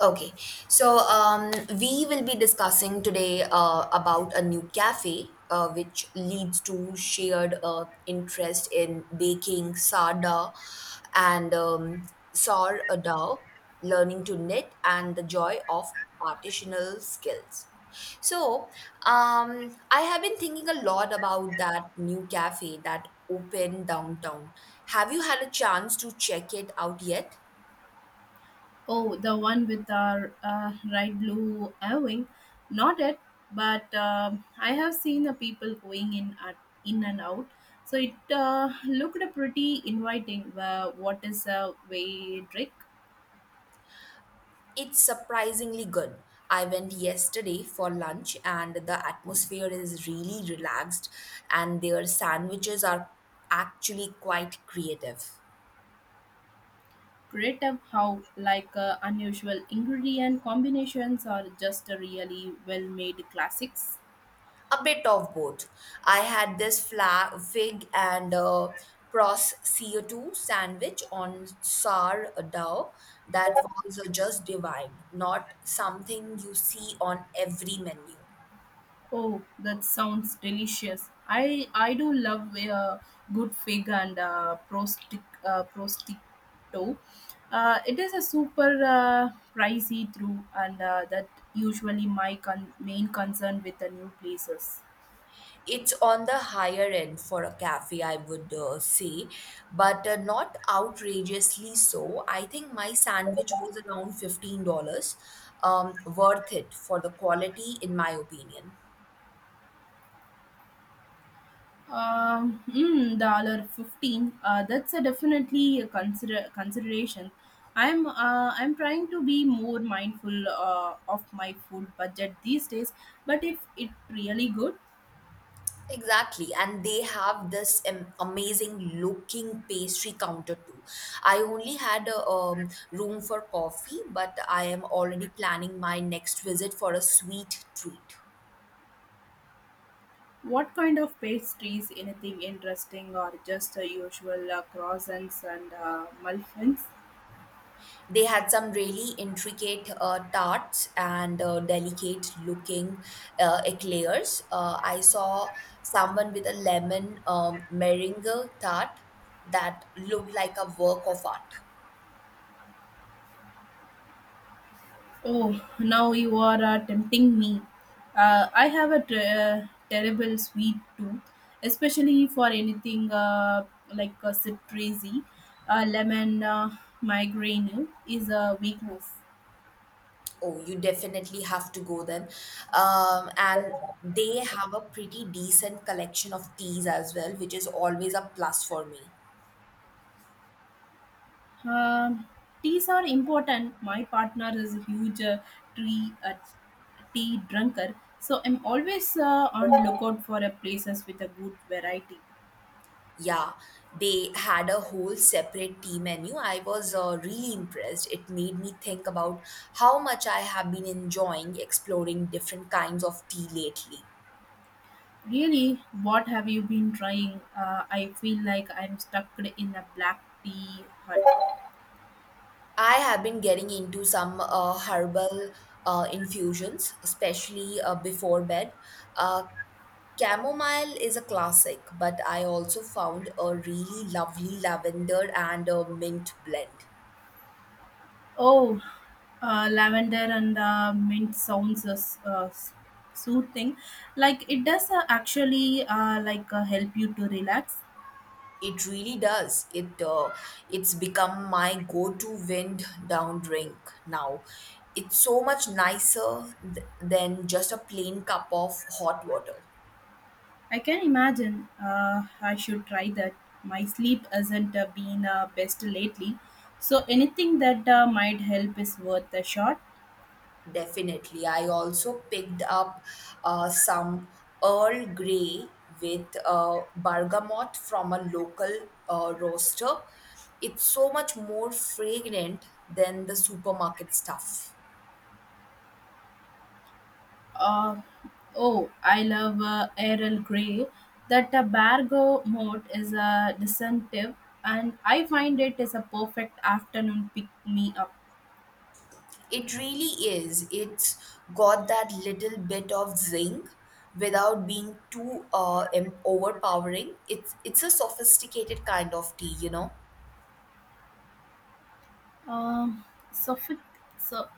Okay, so um, we will be discussing today about a new cafe which leads to shared interest in baking sarda and sourdough, learning to knit, and the joy of artisanal skills. So, I have been thinking a lot about that new cafe that opened downtown. Have you had a chance to check it out yet? Oh, the one with the right blue Irving. Not it, but I have seen the people going in and out. So it looked pretty inviting. What is a way trick? It's surprisingly good. I went yesterday for lunch and the atmosphere is really relaxed and their sandwiches are actually quite creative. Creative how like unusual ingredient combinations are just a really well made classics. A bit of both. I had this fig and pros CO2 sandwich on sourdough that was just divine, not something you see on every menu. Oh, that sounds delicious. I do love a good fig and prosciutto. It is a super pricey through, and that usually my main concern with the new places. It's on the higher end for a cafe, I would say, but not outrageously so. I think my sandwich was around $15, worth it for the quality, in my opinion. $15. That's a definitely a consideration. I'm trying to be more mindful of my food budget these days. But if it really good. Exactly, and they have this amazing looking pastry counter too. I only had a room for coffee, but I am already planning my next visit for a sweet treat. What kind of pastries? Anything interesting or just the usual croissants and muffins? They had some really intricate tarts and delicate looking eclairs. I saw someone with a lemon meringue tart that looked like a work of art. Oh, now you are tempting me. I have a terrible sweet tooth, especially for anything citrusy. Lemon migraine is a weakness. Oh, you definitely have to go then. And they have a pretty decent collection of teas as well, which is always a plus for me. Um, teas are important. My partner is a huge tree tea drunker, so I'm always on lookout for a places with a good variety. Yeah, they had a whole separate tea menu. I was really impressed. It made me think about how much I have been enjoying exploring different kinds of tea lately. Really, what have you been trying? I feel like I'm stuck in a black tea hut. I have been getting into some herbal infusions, especially before bed. Uh, chamomile is a classic, but I also found a really lovely lavender and a mint blend. Oh, lavender and mint sounds soothing. Like it does actually help you to relax. It really does. It's become my go-to wind down drink now. It's so much nicer than just a plain cup of hot water. I can imagine. I should try that. My sleep hasn't been best lately, so anything that might help is worth a shot. Definitely. I also picked up some Earl Grey with bergamot from a local roaster. It's so much more fragrant than the supermarket stuff. Uh, oh, I love Errol Grey. That Bargo mode is a deceptive, and I find it is a perfect afternoon pick me up. It really is. It's got that little bit of zing without being too overpowering. It's a sophisticated kind of tea. Um, so, so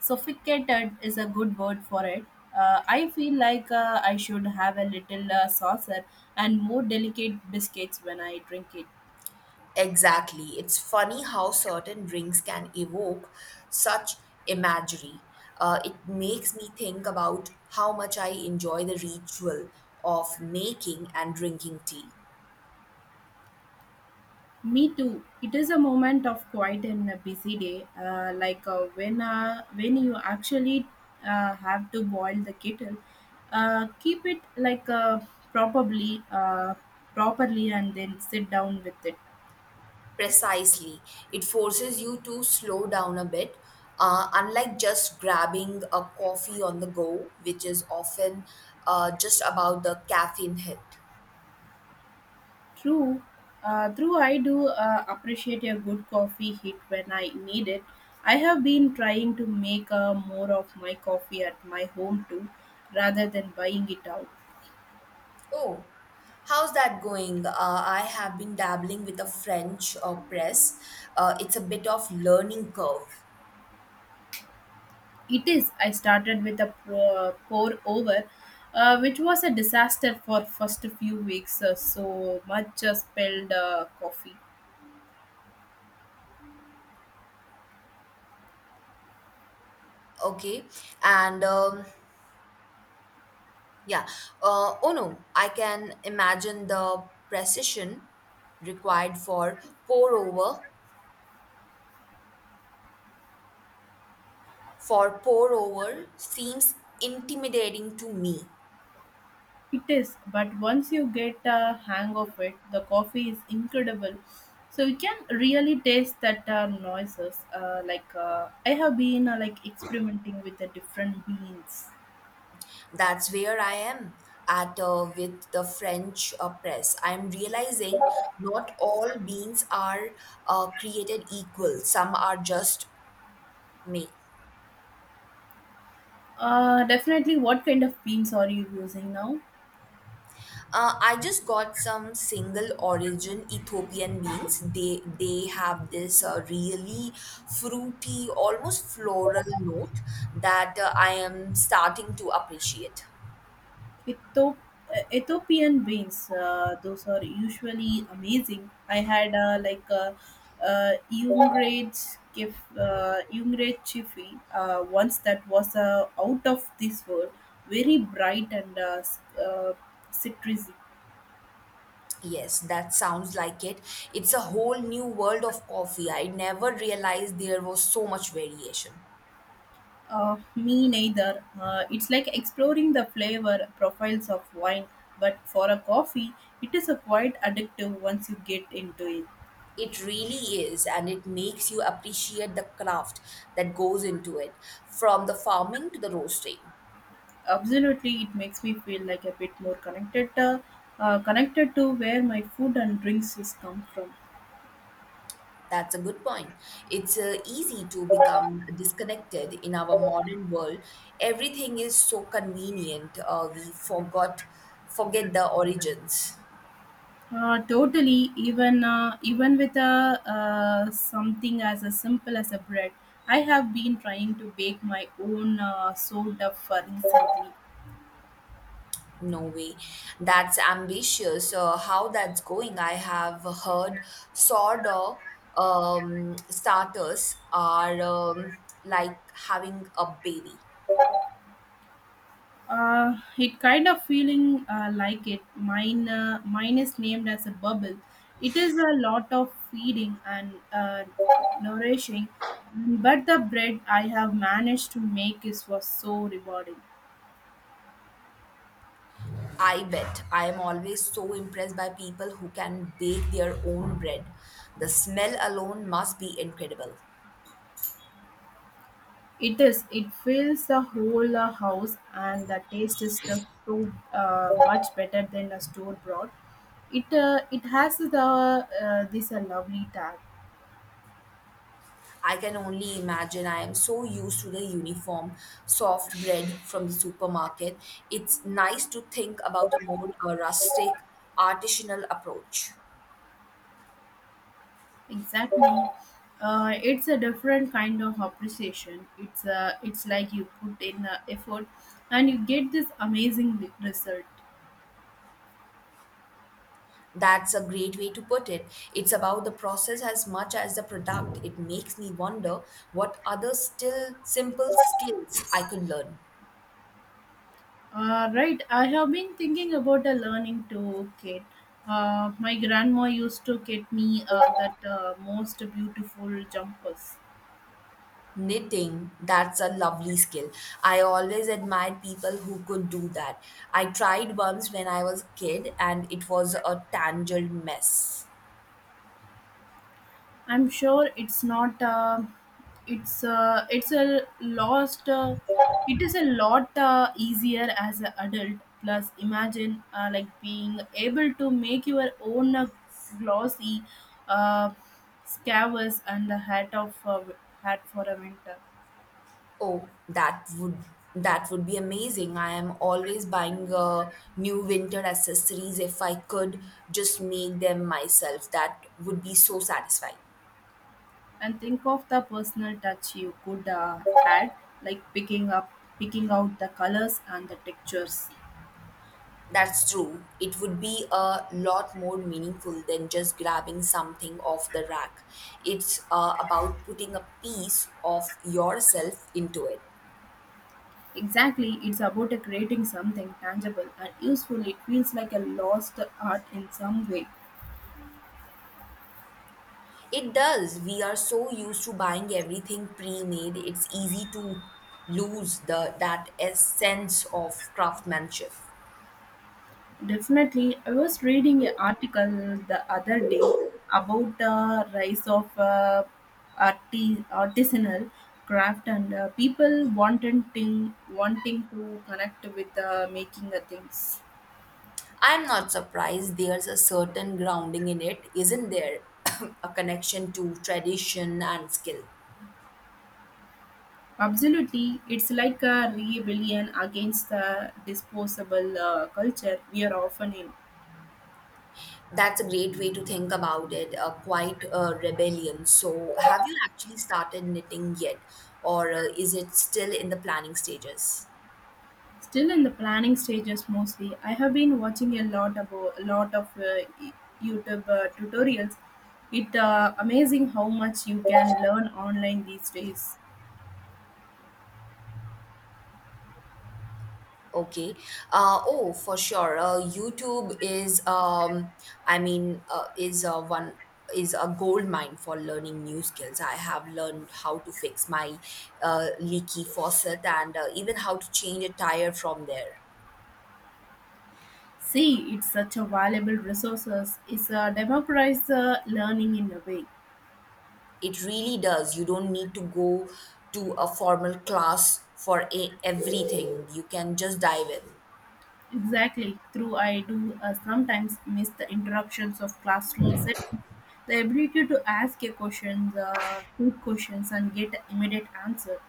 Sophisticated is a good word for it. I feel like I should have a little saucer and more delicate biscuits when I drink it. Exactly. It's funny how certain drinks can evoke such imagery. It makes me think about how much I enjoy the ritual of making and drinking tea. Me too. It is a moment of quiet in a busy day, when you actually have to boil the kettle. Keep it like probably properly, and then sit down with it. Precisely. It forces you to slow down a bit, unlike just grabbing a coffee on the go, which is often just about the caffeine hit. True, true. I do appreciate a good coffee hit when I need it. I have been trying to make more of my coffee at my home too, rather than buying it out. Oh, how's that going? I have been dabbling with a French press. It's a bit of learning curve. It is. I started with a pour over, which was a disaster for first few weeks. So much spilled coffee. Okay, and yeah. Oh no, I can imagine the precision required pour over for pour over seems intimidating to me. It is, but once you get a hang of it, the coffee is incredible. So you can really taste that noises. I have been experimenting with the different beans. That's where I am at with the French press. I'm realizing not all beans are created equal, some are just made. Definitely. What kind of beans are you using now? I just got some single origin Ethiopian beans. They have this really fruity, almost floral note that I am starting to appreciate. Ethio- Ethiopian beans, those are usually amazing. I had uh, Youngred Youngred Chiffy once that was out of this world, very bright and citrusy. Yes, that sounds like it. It's a whole new world of coffee. I never realized there was so much variation. Me neither. It's like exploring the flavor profiles of wine, but for a coffee, it is a quite addictive once you get into it. It really is, and it makes you appreciate the craft that goes into it, from the farming to the roasting. Absolutely, it makes me feel like a bit more connected, connected to where my food and drinks is come from. That's a good point. It's easy to become disconnected in our modern world. Everything is so convenient. We forgot forget the origins. Totally, even with a something as a simple as a bread, I have been trying to bake my own sourdough for recently. No way. That's ambitious. How that's going? I have heard sourdough starters are like having a baby. It kind of feeling like it. Mine is named as a bubble. It is a lot of feeding and nourishing, but the bread I have managed to make is was so rewarding. I bet. I am always so impressed by people who can bake their own bread. The smell alone must be incredible. It is. It fills the whole house, and the taste is just so much better than a store bought. It has the this a lovely tag. I can only imagine. I am so used to the uniform, soft bread from the supermarket. It's nice to think about a more rustic, artisanal approach. Exactly. It's a different kind of appreciation. It's like you put in the effort and you get this amazing result. That's a great way to put it. It's about the process as much as the product. It makes me wonder what other still simple skills I could learn. Right. I have been thinking about a learning to kit. My grandma used to get me that most beautiful jumpers. Knitting, that's a lovely skill. I always admired people who could do that. I tried once when I was a kid and it was a tangled mess. I'm sure it's not. It's a lost. It is a lot easier as an adult. Plus, imagine being able to make your own glossy uh, scarves and a hat for a winter. Oh, that would be amazing. I am always buying new winter accessories if I could just make them myself. That would be so satisfying. And think of the personal touch you could add, like picking out the colors and the textures. That's true. It would be a lot more meaningful than just grabbing something off the rack. It's about putting a piece of yourself into it. Exactly, it's about creating something tangible and useful. It feels like a lost art in some way. It does. We are so used to buying everything pre-made. It's easy to lose the that essence of craftsmanship. Definitely, I was reading an article the other day about the rise of artisanal craft and people wanting to connect with making the things. I'm not surprised there's a certain grounding in it, isn't there? a connection to tradition and skill. Absolutely, it's like a rebellion against the disposable culture we are often in. That's a great way to think about it, quite a rebellion. So, have you actually started knitting yet, or is it still in the planning stages? Still in the planning stages mostly. I have been watching a lot about a lot of YouTube tutorials. It amazing how much you can learn online these days. Okay. Oh, for sure. YouTube is, I mean, is one is a gold mine for learning new skills. I have learned how to fix my leaky faucet and even how to change a tire from there. See, it's such a valuable resources. It's a democratized learning in a way. It really does. You don't need to go to a formal class for everything. You can just dive in. Exactly. Through I do sometimes miss the interruptions of classroom settings. The ability to ask a questions, good questions, and get immediate answer.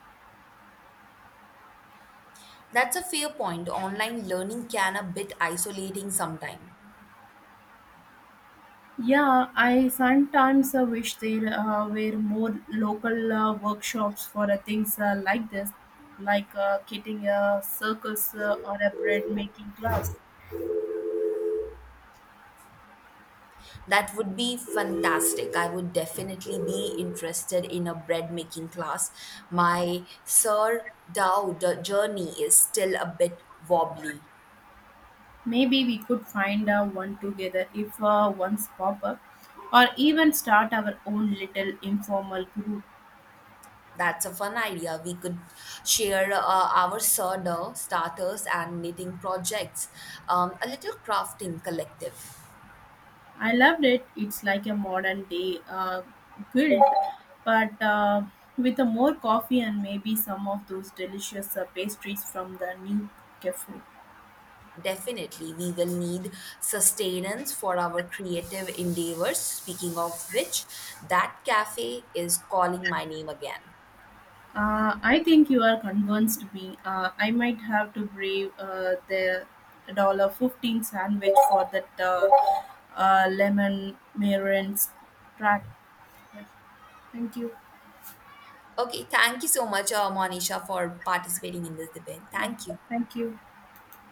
That's a fair point. Online learning can a bit isolating sometime. Yeah, I sometimes wish there were more local workshops for things like this, like getting a circus or a bread making class. That would be fantastic. I would definitely be interested in a bread making class. My Sir Dow the journey is still a bit wobbly. Maybe we could find one together if ones pop up, or even start our own little informal group. That's a fun idea. We could share our sourdough starters and knitting projects, a little crafting collective. I loved it. It's like a modern day guild, but with more coffee and maybe some of those delicious pastries from the new cafe. Definitely, we will need sustenance for our creative endeavors. Speaking of which, that cafe is calling my name again. I think you are convinced me. I might have to brave the $15 sandwich for that lemon meringue track. Yeah. Thank you. Okay, thank you so much, Monisha, for participating in this debate. Yeah, Thank you. thank you.